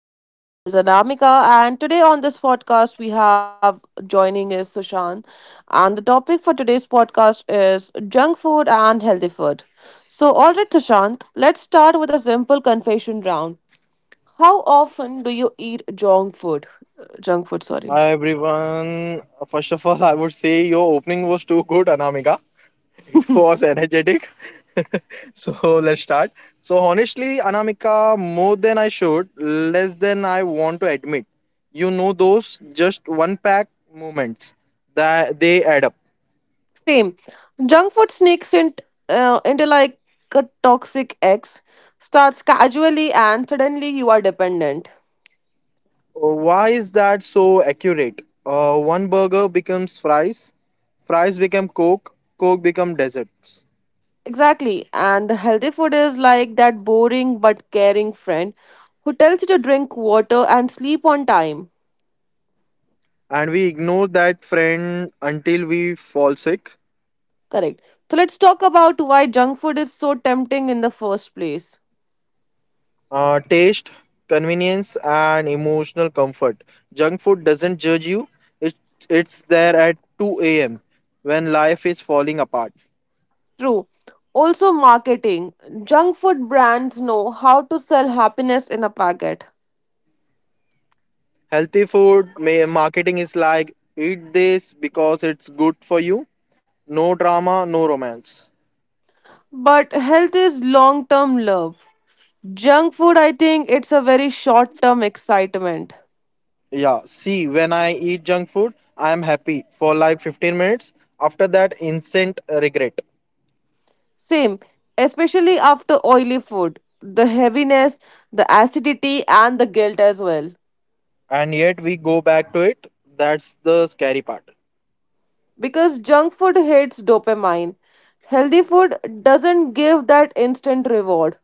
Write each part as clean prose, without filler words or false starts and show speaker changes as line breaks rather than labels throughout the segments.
This is Anamika, and today on this podcast, we have joining is Sushant. And the topic for today's podcast is junk food and healthy food. So, all right, Sushant, let's start with a simple confession round. How often do you eat junk food? Junk food, sorry.
Hi everyone. First of all, I would say your opening was too good, Anamika. It was energetic. So let's start. So honestly, Anamika, more than I should, less than I want to admit. You know those just one pack moments that they add up.
Same. Junk food sneaks in, into like a toxic X, starts casually, and suddenly you are dependent.
Why is that so accurate? One burger becomes fries, fries become coke, coke become desserts,
Exactly. And the healthy food is like that boring but caring friend who tells you to drink water and sleep on time.
and we ignore that friend until we fall sick.
Correct. So let's talk about why junk food is so tempting in the first place.
Taste, convenience, and emotional comfort. Junk food doesn't judge you. It, it's there at 2 a.m. when life is falling apart.
True. Also, marketing. Junk food brands know how to sell happiness in a packet.
Healthy food marketing is like eat this because it's good for you. No drama, no romance.
But health is long term love. Junk food, I think, it's a very short term excitement.
Yeah, see, when I eat junk food, I am happy for like 15 minutes. After that, instant regret.
Same, especially after oily food, the heaviness, the acidity, and the guilt as well.
And yet we go back to it. That's the scary part.
Because junk food hits dopamine. Healthy food doesn't give that instant reward.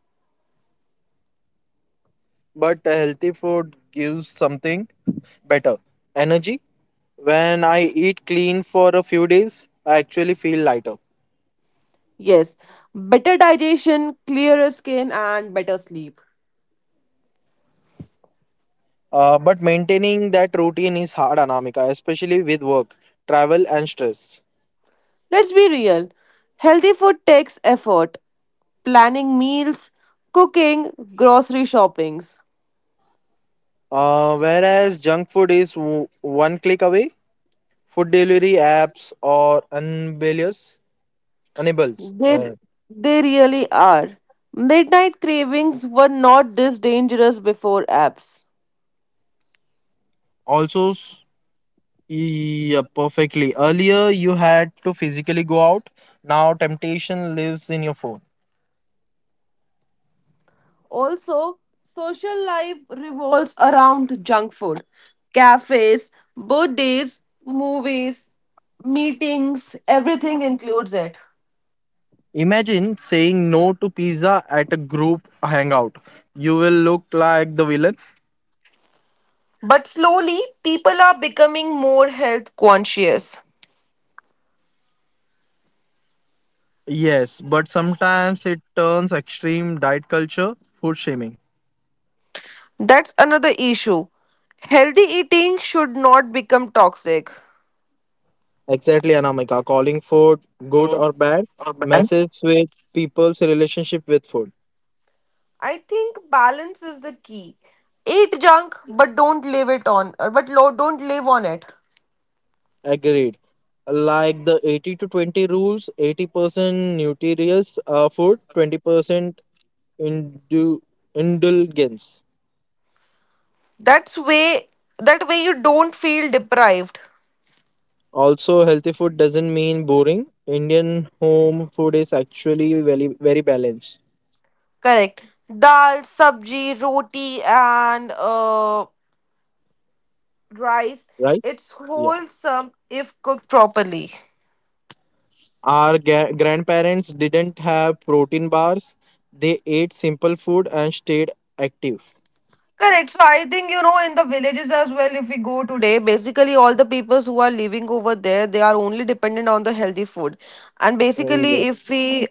But a healthy food gives something better energy. When I eat clean for a few days, I actually feel lighter.
Yes, better digestion, clearer skin, and better sleep.
But maintaining that routine is hard, Anamika, especially with work, travel, and stress.
Let's be real. Healthy food takes effort planning meals, cooking, grocery shoppings.
Whereas junk food is one click away, food delivery apps or enablers enables.
They, they really are. Midnight cravings were not this dangerous before apps.
Also, s- yeah, Perfectly. Earlier, you had to physically go out. Now, temptation lives in your phone.
Also, social life revolves around junk food, cafes, birthdays, movies, meetings, everything includes it.
Imagine saying no to pizza at a group hangout. You will look like the villain.
But slowly, people are becoming more health conscious.
Yes, but sometimes it turns extreme diet culture, food shaming.
That's another issue. Healthy eating should not become toxic.
Exactly, Anamika. Calling food good or bad messes with people's relationship with food.
I think balance is the key. Eat junk, but don't live it on, or but lo- don't live on it.
Agreed. Like the 80 to 20 rules, 80% nutritious food, 20% indu- indulgence.
That's way. That way you don't feel deprived.
Also, healthy food doesn't mean boring. Indian home food is actually very, very balanced.
Correct. Dal, sabji, roti, and rice.
Rice?
It's
Yeah.
wholesome if cooked properly.
Our grandparents didn't have protein bars. They ate simple food and stayed active.
Correct. So I think, you know, in the villages as well, if we go today, basically all the peoples who are living over there, they are only dependent on the healthy food. And
Uh,
basically,
Yeah,
if we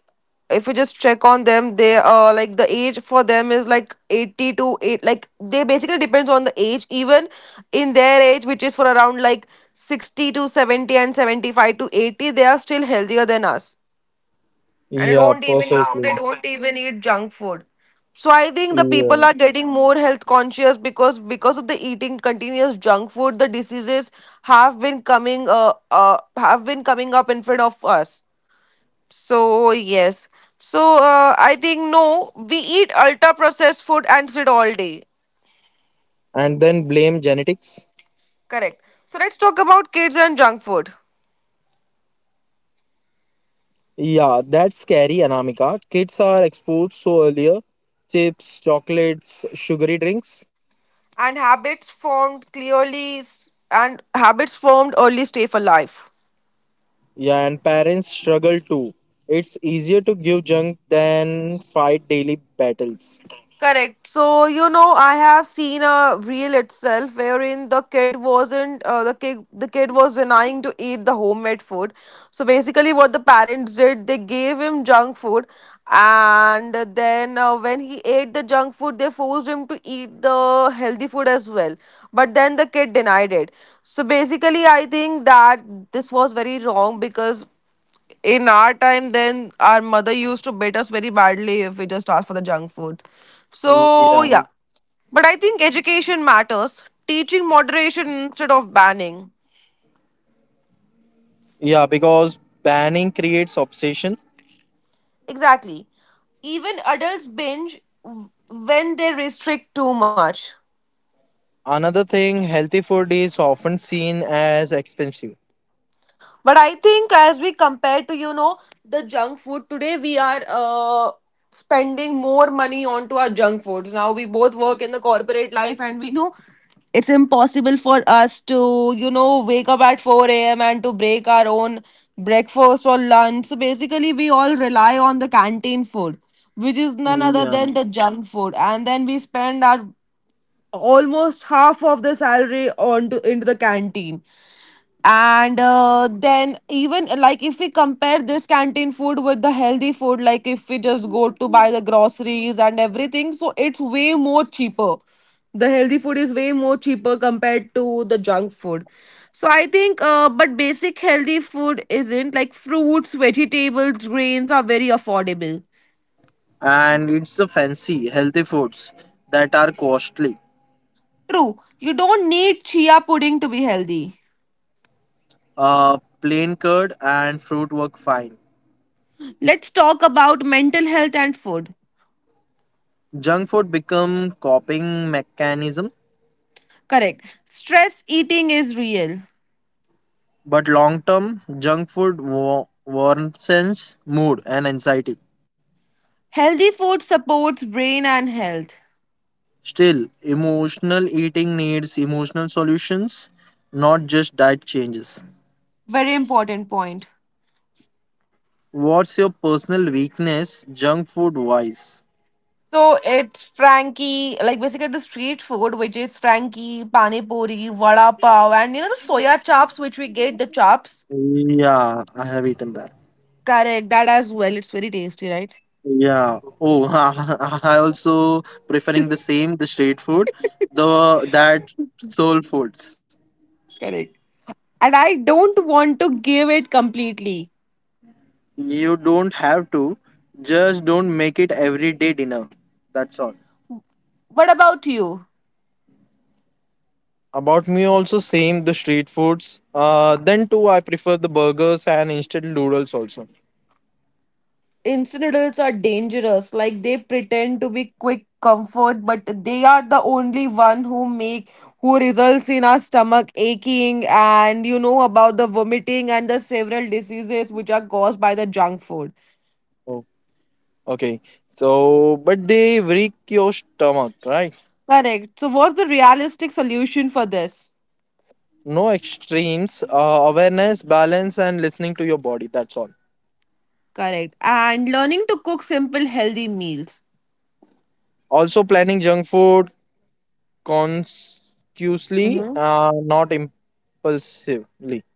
if we just check on them, they like, the age for them is like 80 to eight. Like they basically depends on the age. Even in their age, which is for around like 60 to 70 and 75 to 80, they are still healthier than us, and they
yeah,
don't even, yeah, they
Perfectly.
don't perfect, even eat junk food. So I think the people
Yeah.
are getting more health conscious, because of the eating continuous junk food, the diseases have been coming uh, uh have been coming up in front of us. So yes. So I think no, we eat ultra processed food and sit all day.
And then blame genetics.
Correct. So let's talk about kids and junk food.
Yeah, that's scary, Anamika. Kids are exposed so earlier. Chips, chocolates, sugary drinks.
and habits formed clearly s- and habits formed early stay for life.
Yeah, and parents struggle too. It's easier to give junk than fight daily battles.
Correct. So, you know, I have seen a reel itself, wherein the kid wasn't the kid was denying to eat the homemade food. So basically what the parents did, they gave him junk food, and then when he ate the junk food, they forced him to eat the healthy food as well. But then the kid denied it. So basically I think that this was very wrong, because in our time then our mother used to beat us very badly if we just asked for the junk food. So
Yeah,
yeah. But I think education matters, teaching moderation instead of banning.
yeah, because banning creates obsession.
Exactly. Even adults binge when they restrict too much.
Another thing, healthy food is often seen as expensive.
But I think as we compare to, you know, the junk food today, we are spending more money onto our junk foods. Now we both work in the corporate life, and we know it's impossible for us to, you know, wake up at 4 a.m. and to break our own breakfast or lunch. So basically, we all rely on the canteen food, which is none other
Yeah,
than the junk food. And then we spend our almost half of the salary into the canteen. And then, even like if we compare this canteen food with the healthy food, like if we just go to buy the groceries and everything, so it's way more cheaper. The healthy food is way more cheaper compared to the junk food. So I think but basic healthy food isn't, like fruits, vegetables, grains are very affordable.
and it's the fancy healthy foods that are costly.
True. You don't need chia pudding to be healthy.
Plain curd and fruit work fine.
Let's talk about mental health and food.
Junk food become coping mechanism,
Correct. Stress eating is real.
but long term, junk food worsens mood and anxiety.
Healthy food supports brain and health.
Still, emotional eating needs emotional solutions, not just diet changes.
Very important point.
What's your personal weakness, junk food wise?
So it's Frankie, like basically the street food, which is Frankie, Pani Puri, Vada Pav, and you know the soya chops, which we get the chops.
Yeah, I have eaten that.
Correct, that as well. It's very tasty, right?
Yeah. Oh, I also preferring the same, the street food, the that soul foods.
And I don't want to give it completely.
You don't have to, just don't make it everyday dinner. That's all.
What about you?
About me also same the street foods. Then too I prefer the burgers and instant noodles also.
Instant noodles are dangerous. Like they pretend to be quick comfort, but they are the only one who make, who results in our stomach aching, and you know about the vomiting and the several diseases which are caused by the junk food.
Oh, okay. So, but they break your stomach, right?
Correct. So what's the realistic solution for this?
No extremes. Awareness, balance, and listening to your body. That's all.
Correct. And learning to cook simple healthy meals.
Also, planning junk food consciously,
Mhm.
not impulsively.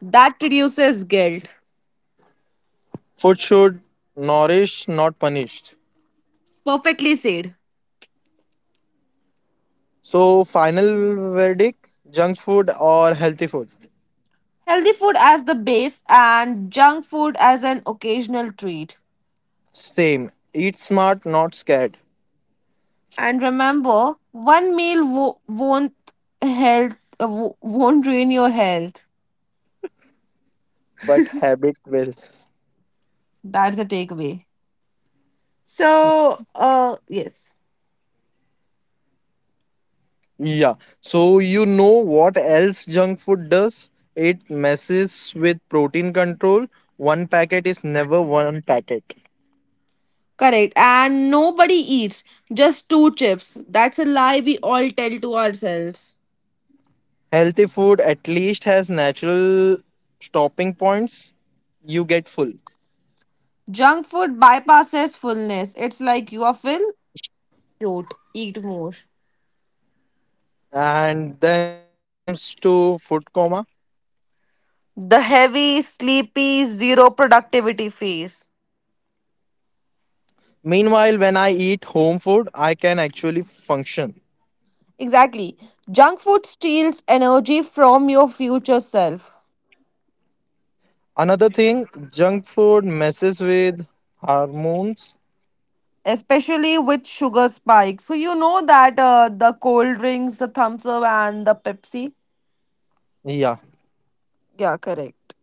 That reduces guilt.
Food should nourish, not punish.
Perfectly said.
So, final verdict: junk food or healthy food?
Healthy food as the base and junk food as an occasional treat.
Same. Eat smart, not scared,
And remember, one meal won't health won't ruin your health.
but habit will.
That's the takeaway. So, yes,
Yeah. So you know what else junk food does? It messes with protein control. One packet is never one packet.
correct. And nobody eats just two chips. That's a lie we all tell to ourselves.
Healthy food at least has natural stopping points. You get full.
Junk food bypasses fullness. It's like you are filled, don't eat more.
And then comes to food coma.
The heavy, sleepy, zero productivity phase.
Meanwhile, when I eat home food, I can actually function.
Exactly. Junk food steals energy from your future self.
Another thing, junk food messes with hormones.
Especially with sugar spikes. So you know that the cold drinks, the thumbs up, and the Pepsi.
Yeah,
Yeah, correct.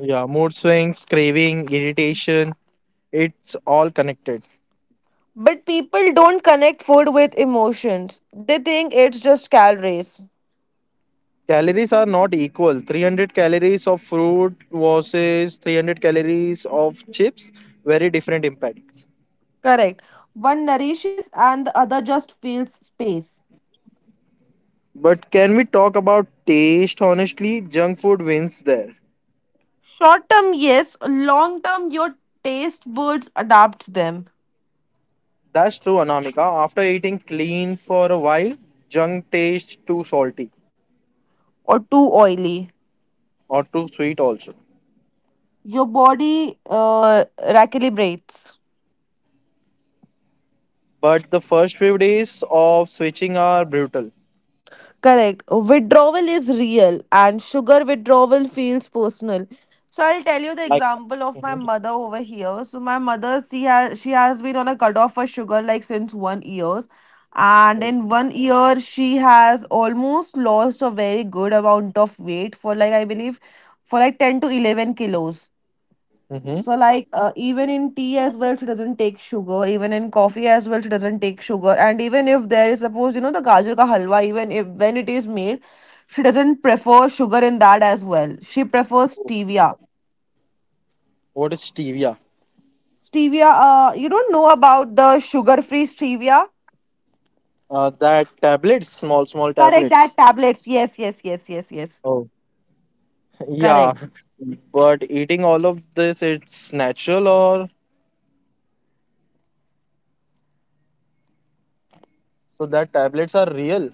yeah, mood swings, craving, irritation. It's all connected.
But people don't connect food with emotions. They think it's just calories.
Calories are not equal. 300 calories of fruit versus 300 calories of chips. Very different impact.
Correct. One nourishes and the other just fills space.
But can we talk about taste? Honestly, junk food wins there.
Short term, yes. Long term, your taste buds adapt them.
That's true, Anamika. After eating clean for a while, junk tastes too salty
Or too oily.
or too sweet also.
Your body recalibrates.
But the first few days of switching are brutal.
Correct. Withdrawal is real, and sugar withdrawal feels personal. So I'll tell you the
Like,
example
hmm,
of my mother over here. So my mother, she has been on a cutoff for sugar like since 1 years, and in 1 year she has almost lost a very good amount of weight for like, I believe, for like 10 to 11 kilos. So like, even in tea as well she doesn't take sugar, even in coffee as well she doesn't take sugar, and even if there is suppose, you know, the gajar ka halwa, even if when it is made, she doesn't prefer sugar in that as well. She prefers stevia.
what is stevia?
Stevia, you don't know about the sugar free stevia?
That tablets, small, small
Correct,
tablets.
that tablets. Yes, yes, yes, yes, yes.
Oh. Yeah,
Correct.
but eating all of this, it's natural or so that tablets are real.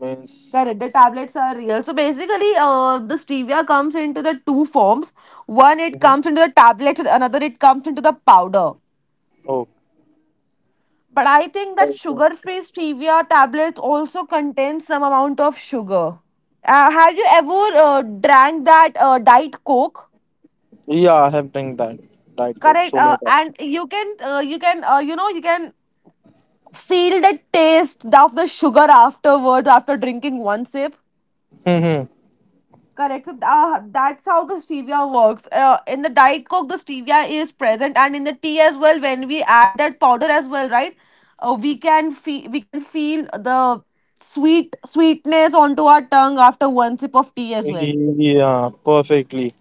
Means,
Correct. The tablets are real. So basically, the stevia comes into the two forms. One, it
hmm.
comes into the tablets, and another, it comes into the powder.
Oh,
But I think that
also-
sugar-free stevia tablets also contain some amount of sugar. Have you ever drank that diet coke?
yeah, I have drank that Diet Coke
Correct.
so many times.
And you can, you can, you know, you can feel the taste of the sugar afterwards, after drinking one sip.
Hmm.
Correct. So that's how the stevia works. In the diet coke, the stevia is present, and in the tea as well. When we add that powder as well, right? We can feel the sweetness onto our tongue after one sip of tea as well.
Yeah, perfectly.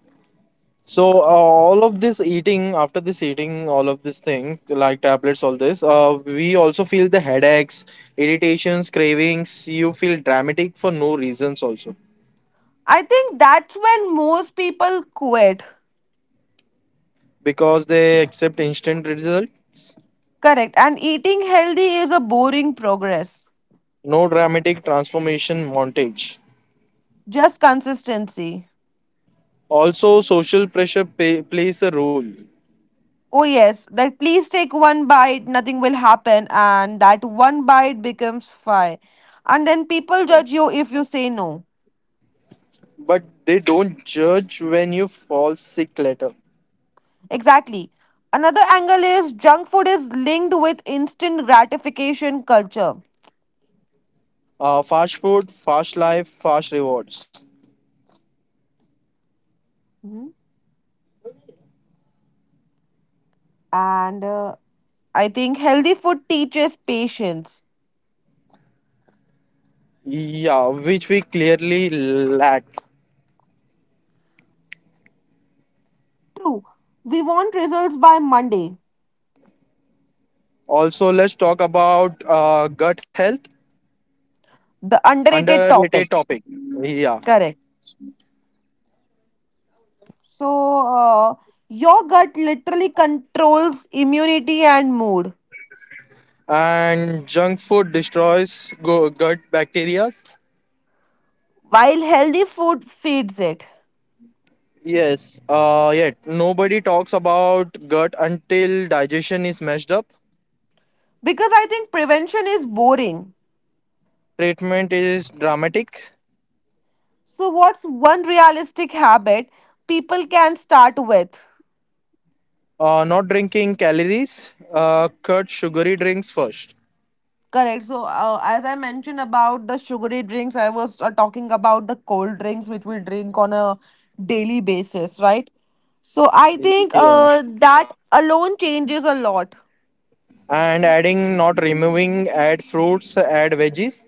So all of this eating, after this eating, all of this thing, like tablets, all this, we also feel the headaches, irritations, cravings. You feel dramatic for no reasons also
I think that's when most people quit.
because they accept instant results.
Correct. And eating healthy is a boring progress.
No dramatic transformation montage.
Just consistency.
Also, social pressure plays a role,
Oh, yes, that please take one bite, nothing will happen, and that one bite becomes five. And then people judge you if you say no.
but they don't judge when you fall sick later.
Exactly. Another angle is junk food is linked with instant gratification culture.
Fast food, fast life, fast rewards.
Mhm. And I think healthy food teaches patience.
Yeah, which we clearly lack.
True. We want results by Monday.
Also, let's talk about gut health,
The underrated
underrated
topic.
topic. Yeah,
Correct. So, uh, your gut literally controls immunity and mood.
and junk food destroys gut bacteria.
While healthy food feeds it.
Yes, yet nobody talks about gut until digestion is messed up.
Because I think prevention is boring.
Treatment is dramatic.
So, what's one realistic habit people can start with?
Not drinking calories. Cut sugary drinks first.
Correct. So, as I mentioned about the sugary drinks, I was talking about the cold drinks which we drink on a daily basis, right? So, I think
Yeah,
that alone changes a lot.
and adding, not removing. Add fruits. Add veggies.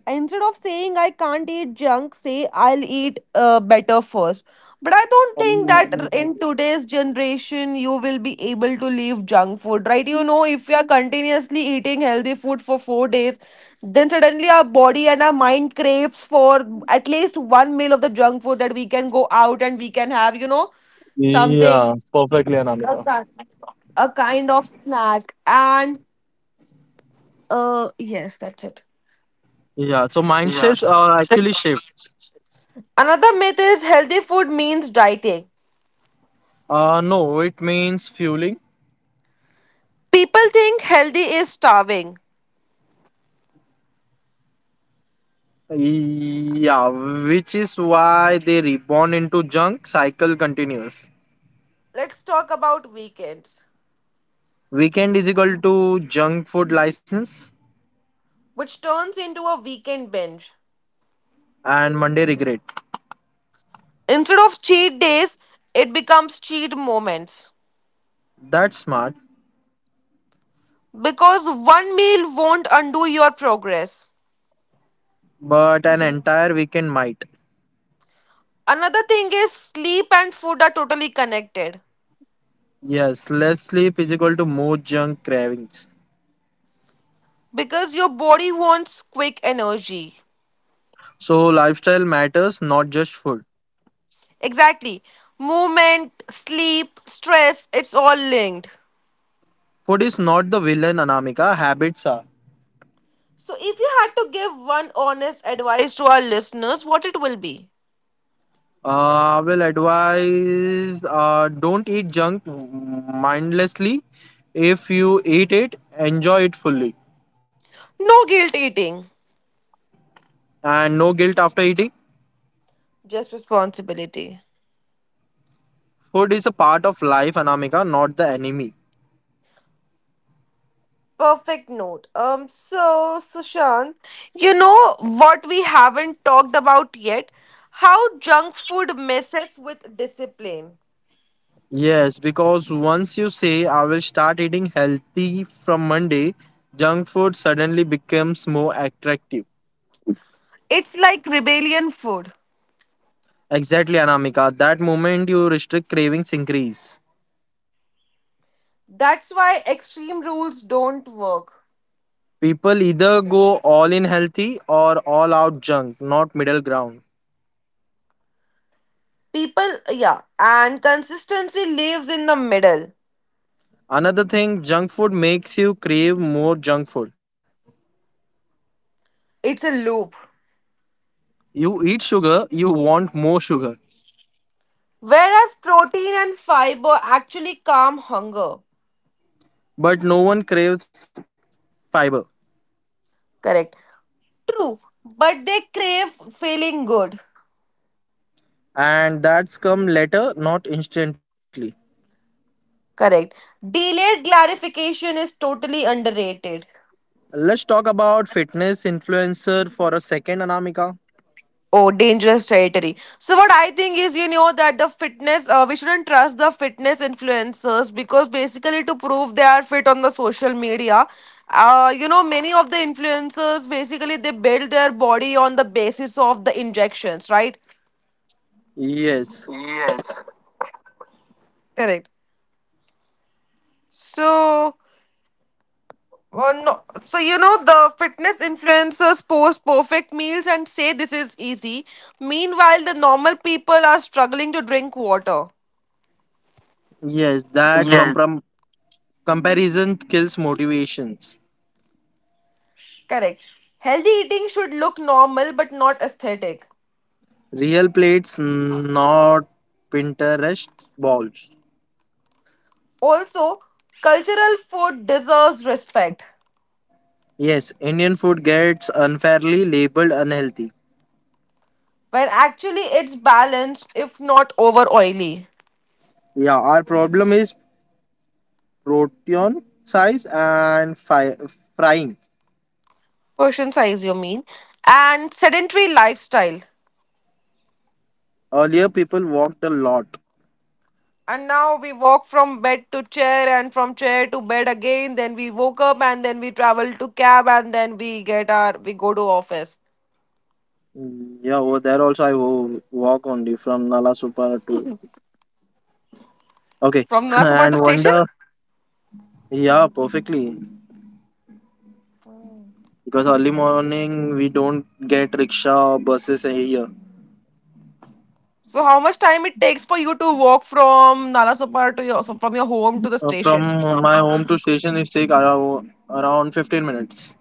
Instead of saying I can't eat junk, say I'll eat better first. But I don't
Um,
think that in today's generation you will be able to leave junk food, right? You know, if you are continuously eating healthy food for 4 days, then suddenly our body and our mind craves for at least one meal of the junk food that we can go out and we can have, you know, something,
yeah, perfectly,
a
Anamika.
ki- a kind of snack. And yes, that's it.
Yeah, so mindsets are actually shifts.
Another myth is healthy food means dieting.
No, it means fueling.
People think healthy is starving.
Yeah, which is why they reborn into junk cycle continues.
Let's talk about weekends,
Weekend is equal to junk food license
which turns into a weekend binge.
and Monday regret.
Instead of cheat days, it becomes cheat moments
That's smart,
because one meal won't undo your progress.
but an entire weekend might.
Another thing is sleep and food are totally connected
Yes, less sleep is equal to more junk cravings.
because your body wants quick energy.
So lifestyle matters, not just food.
Exactly. Movement, sleep, stress, it's all linked.
Food is not the villain, Anamika. Habits are.
So, if you had to give one honest advice to our listeners, what it will be?
I will advise don't eat junk mindlessly. If you eat it, enjoy it fully
No guilt eating,
and no guilt after eating.
just responsibility.
Food is a part of life, Anamika, not the enemy.
Perfect note. So Sushant, you know what we haven't talked about yet? How junk food messes with discipline.
Yes, because once you say I will start eating healthy from Monday, junk food suddenly becomes more attractive.
It's like rebellion food.
Exactly, Anamika. That moment you restrict cravings increase.
That's why extreme rules don't work.
People either go all in healthy or all out junk, not middle ground.
People, yeah, and consistency lives in the middle.
Another thing, junk food makes you crave more junk food.
It's a loop.
You eat sugar, you want more sugar,
Whereas protein and fiber actually calm hunger.
but no one craves fiber.
Correct. True, but they crave feeling good.
And that's come later, not instantly.
Correct. Delayed clarification is totally underrated.
Let's talk about fitness influencer for a second, Anamika.
Oh, dangerous territory. So what I think is, you know, that the fitness, we shouldn't trust the fitness influencers because basically to prove they are fit on the social media, you know, many of the influencers basically they build their body on the basis of the injections, right?
Yes,
Correct. So No. So, you know, the fitness influencers post perfect meals and say this is easy. Meanwhile, the normal people are struggling to drink water.
yes, that comprom- comparison kills motivations.
Correct. Healthy eating should look normal but not aesthetic.
Real plates, not Pinterest balls.
Also, cultural food deserves respect
Yes, Indian food gets unfairly labeled unhealthy.
when actually it's balanced if not over oily.
Yeah, our problem is protein size and frying.
Portion size, you mean? And sedentary lifestyle.
Earlier, people walked a lot.
And now we walk from bed to chair and from chair to bed again. Then we woke up and then we travel to cab and then we get our we go to office.
Mm, Yeah, Over there also I walk only from Nalasupara to okay,
From Nalasopar to
and
station?
wonder. Yeah, perfectly because early morning we don't get rickshaw or buses here.
So how much time it takes for you to walk from Nalasopar to your from your home to the station?
From my home to station is take around 15 minutes.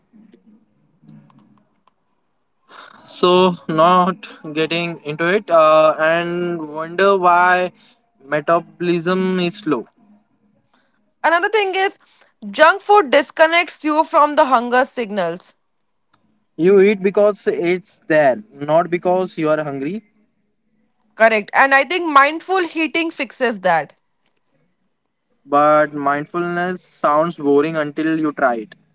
So not getting into it and wonder why metabolism is slow.
Another thing is junk food disconnects you from the hunger signals.
You eat because it's there, not because you are hungry.
Correct. And I think mindful eating fixes that.
But mindfulness sounds boring until you try it.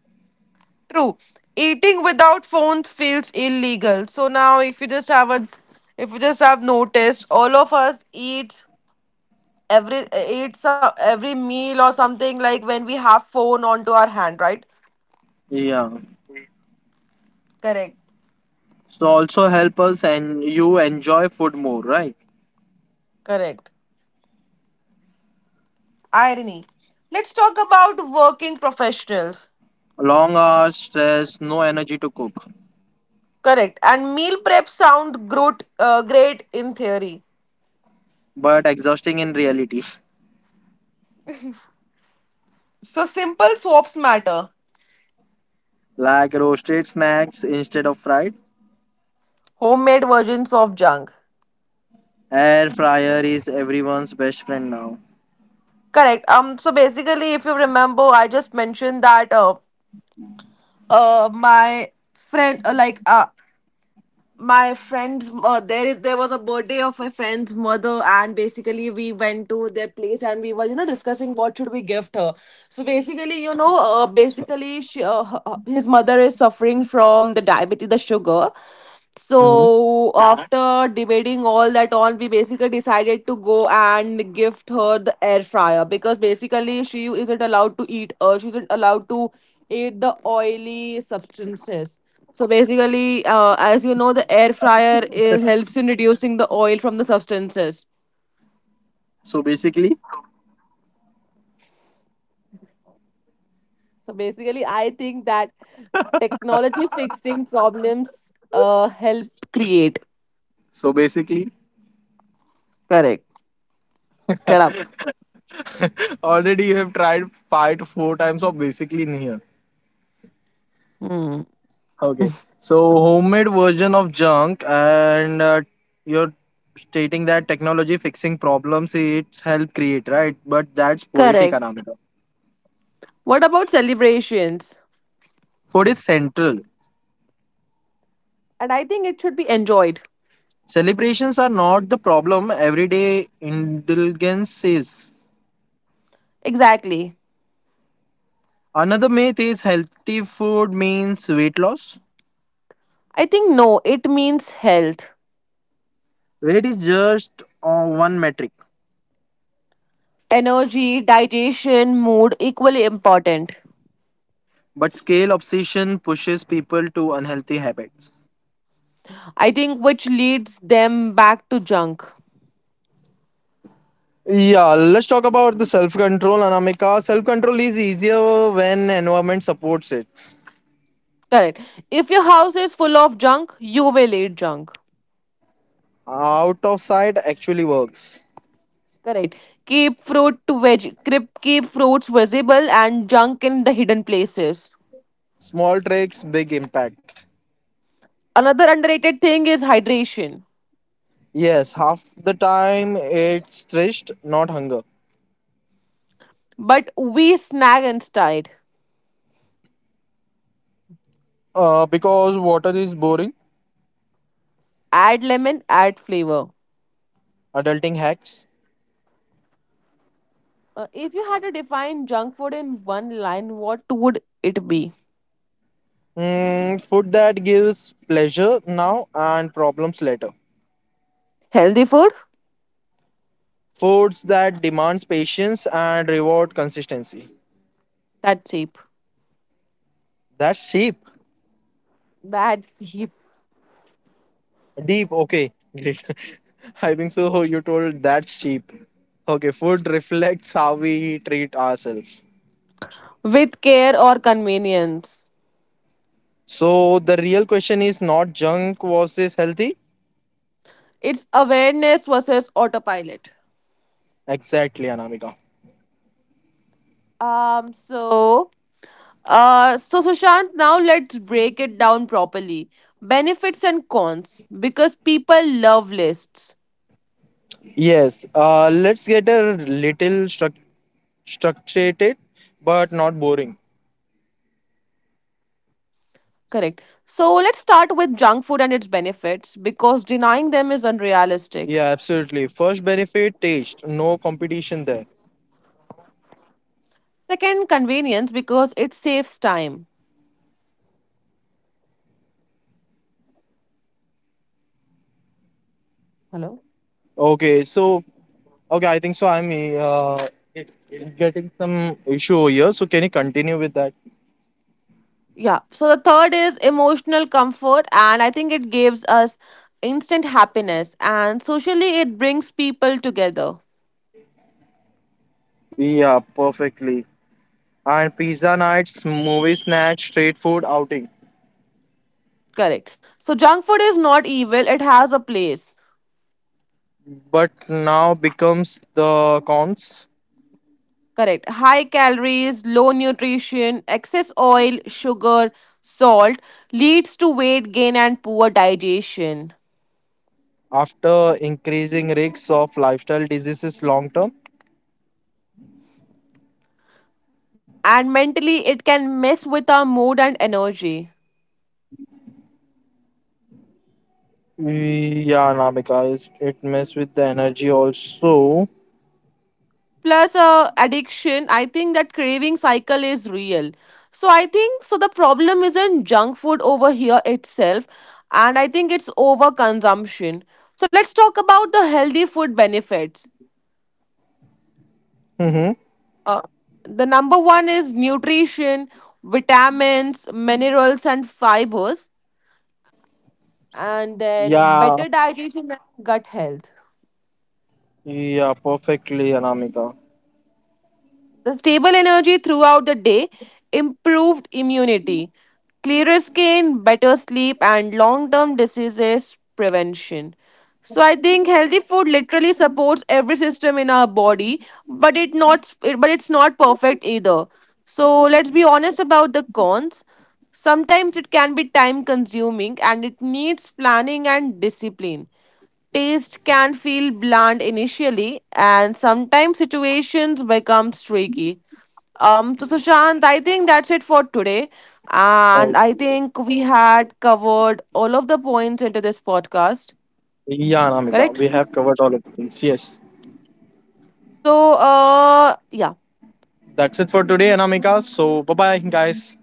True. Eating without phones feels illegal. So now if you just have a if you just have noticed, all of us eat every meal or something like when we have phone onto our hand, right?
Yeah.
Correct.
So also help us and you enjoy food more, right?
Correct. Irony. Let's talk about working professionals.
Long hours, stress, no energy to cook,
Correct. And meal prep sound great in theory.
but exhausting in reality.
So simple swaps matter.
Like roasted snacks instead of fried.
Homemade versions of junk.
Air fryer is everyone's best friend now.
Correct. So basically, if you remember, I just mentioned that my friend my friend's there was a birthday of my friend's mother and basically we went to their place and we were, you know, discussing what should we gift her. So basically, you know, basically his mother is suffering from the diabetes, the sugar.
Mhm.
So after debating all that on, we basically decided to go and gift her the air fryer because basically she isn't allowed to eat the oily substances. So basically, as you know, the air fryer is, helps in reducing the oil from the substances.
So basically,
So basically, I think that technology fixing problems helps create.
so basically,
Correct. Shut up.
already you have tried five to four times of basically in here.
Hmm.
Okay. So homemade version of junk and you're stating that technology fixing problems it's help create, right? But that's
Correct.
poetic, Anamika.
What about celebrations?
Food is central.
And I think it should be enjoyed.
Celebrations are not the problem. Everyday indulgence is.
Exactly.
Another myth is healthy food means weight loss.
I think no, it means health,
Weight is just one metric,
energy, digestion, mood equally important.
but scale obsession pushes people to unhealthy habits.
I think which leads them back to junk.
Yeah, let's talk about the self control, Anamika. Self control is easier when environment supports it.
Correct. If your house is full of junk, you will eat junk.
Out of sight actually works.
Correct. Keep fruit to veg keep keep fruits visible and junk in the hidden places.
Small tricks, big impact.
Another underrated thing is hydration.
Yes, half the time it's thirst, not hunger.
But we snag instead.
Because water is boring.
Add lemon, add flavor.
Adulting hacks.
If you had to define junk food in one line, what would it be?
Mm, food that gives pleasure now and problems later.
Healthy food?
Foods that demands patience and reward consistency.
That's cheap.
That's cheap.
That's cheap.
Deep, okay, great. I think so. You told that's cheap. Okay, food reflects how we treat ourselves.
With care or convenience.
So the real question is not junk versus healthy.
It's awareness versus autopilot.
Exactly, Anamika.
Um, so, so Sushant, now let's break it down properly. Benefits and cons because people love lists.
Yes. Let's get a little structured, but not boring.
Correct. So let's start with junk food and its benefits because denying them is unrealistic.
Yeah, absolutely. First benefit taste. No competition there.
Second, convenience because it saves time. Hello?
Okay. Okay, I think so. I'm uh, getting some issue over here. So can you continue with that?
Yeah. So the third is emotional comfort, and I think it gives us instant happiness, and socially, it brings people together.
Yeah, perfectly. And pizza nights, movie snacks, street food outing.
Correct. So junk food is not evil, it has a place.
But now becomes the cons
Correct. High calories, low nutrition, excess oil, sugar, salt leads to weight gain and poor digestion.
after increasing risks of lifestyle diseases long term.
And mentally, it can mess with our mood and energy.
Yeah, Nabika, is it mess with the energy also.
Plus, addiction, I think that craving cycle is real. So, I think so. The problem isn't junk food over here itself, and I think it's overconsumption. So, let's talk about the healthy food benefits.
Hmm.
Uh, the number one is nutrition, vitamins, minerals, and fibers, and then
Yeah,
better digestion and gut health.
yeah, perfectly, Anamika.
The stable energy throughout the day, improved immunity, clearer skin, better sleep, and long term diseases prevention. So I think healthy food literally supports every system in our body, but it's not perfect either. So let's be honest about the cons. Sometimes it can be time consuming and it needs planning and discipline. Taste can feel bland initially and sometimes situations become tricky. So Sushant, I think that's it for today. And
Oh,
I think we had covered all of the points into this podcast,
yeah, Anamika,
correct?
we have covered all of the things. Yes,
So,
that's it for today, Anamika. So, bye bye, guys.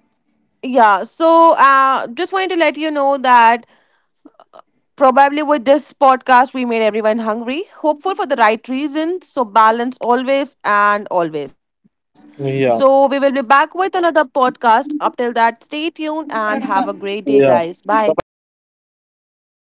just wanted to let you know that probably with this podcast, we made everyone hungry, hopeful for the right reasons. So, balance always and always. So, we will
Yeah,
be back with another podcast. Up till that, stay tuned and have a great day,
yeah.
guys.
Bye
Bye.
bye, guys.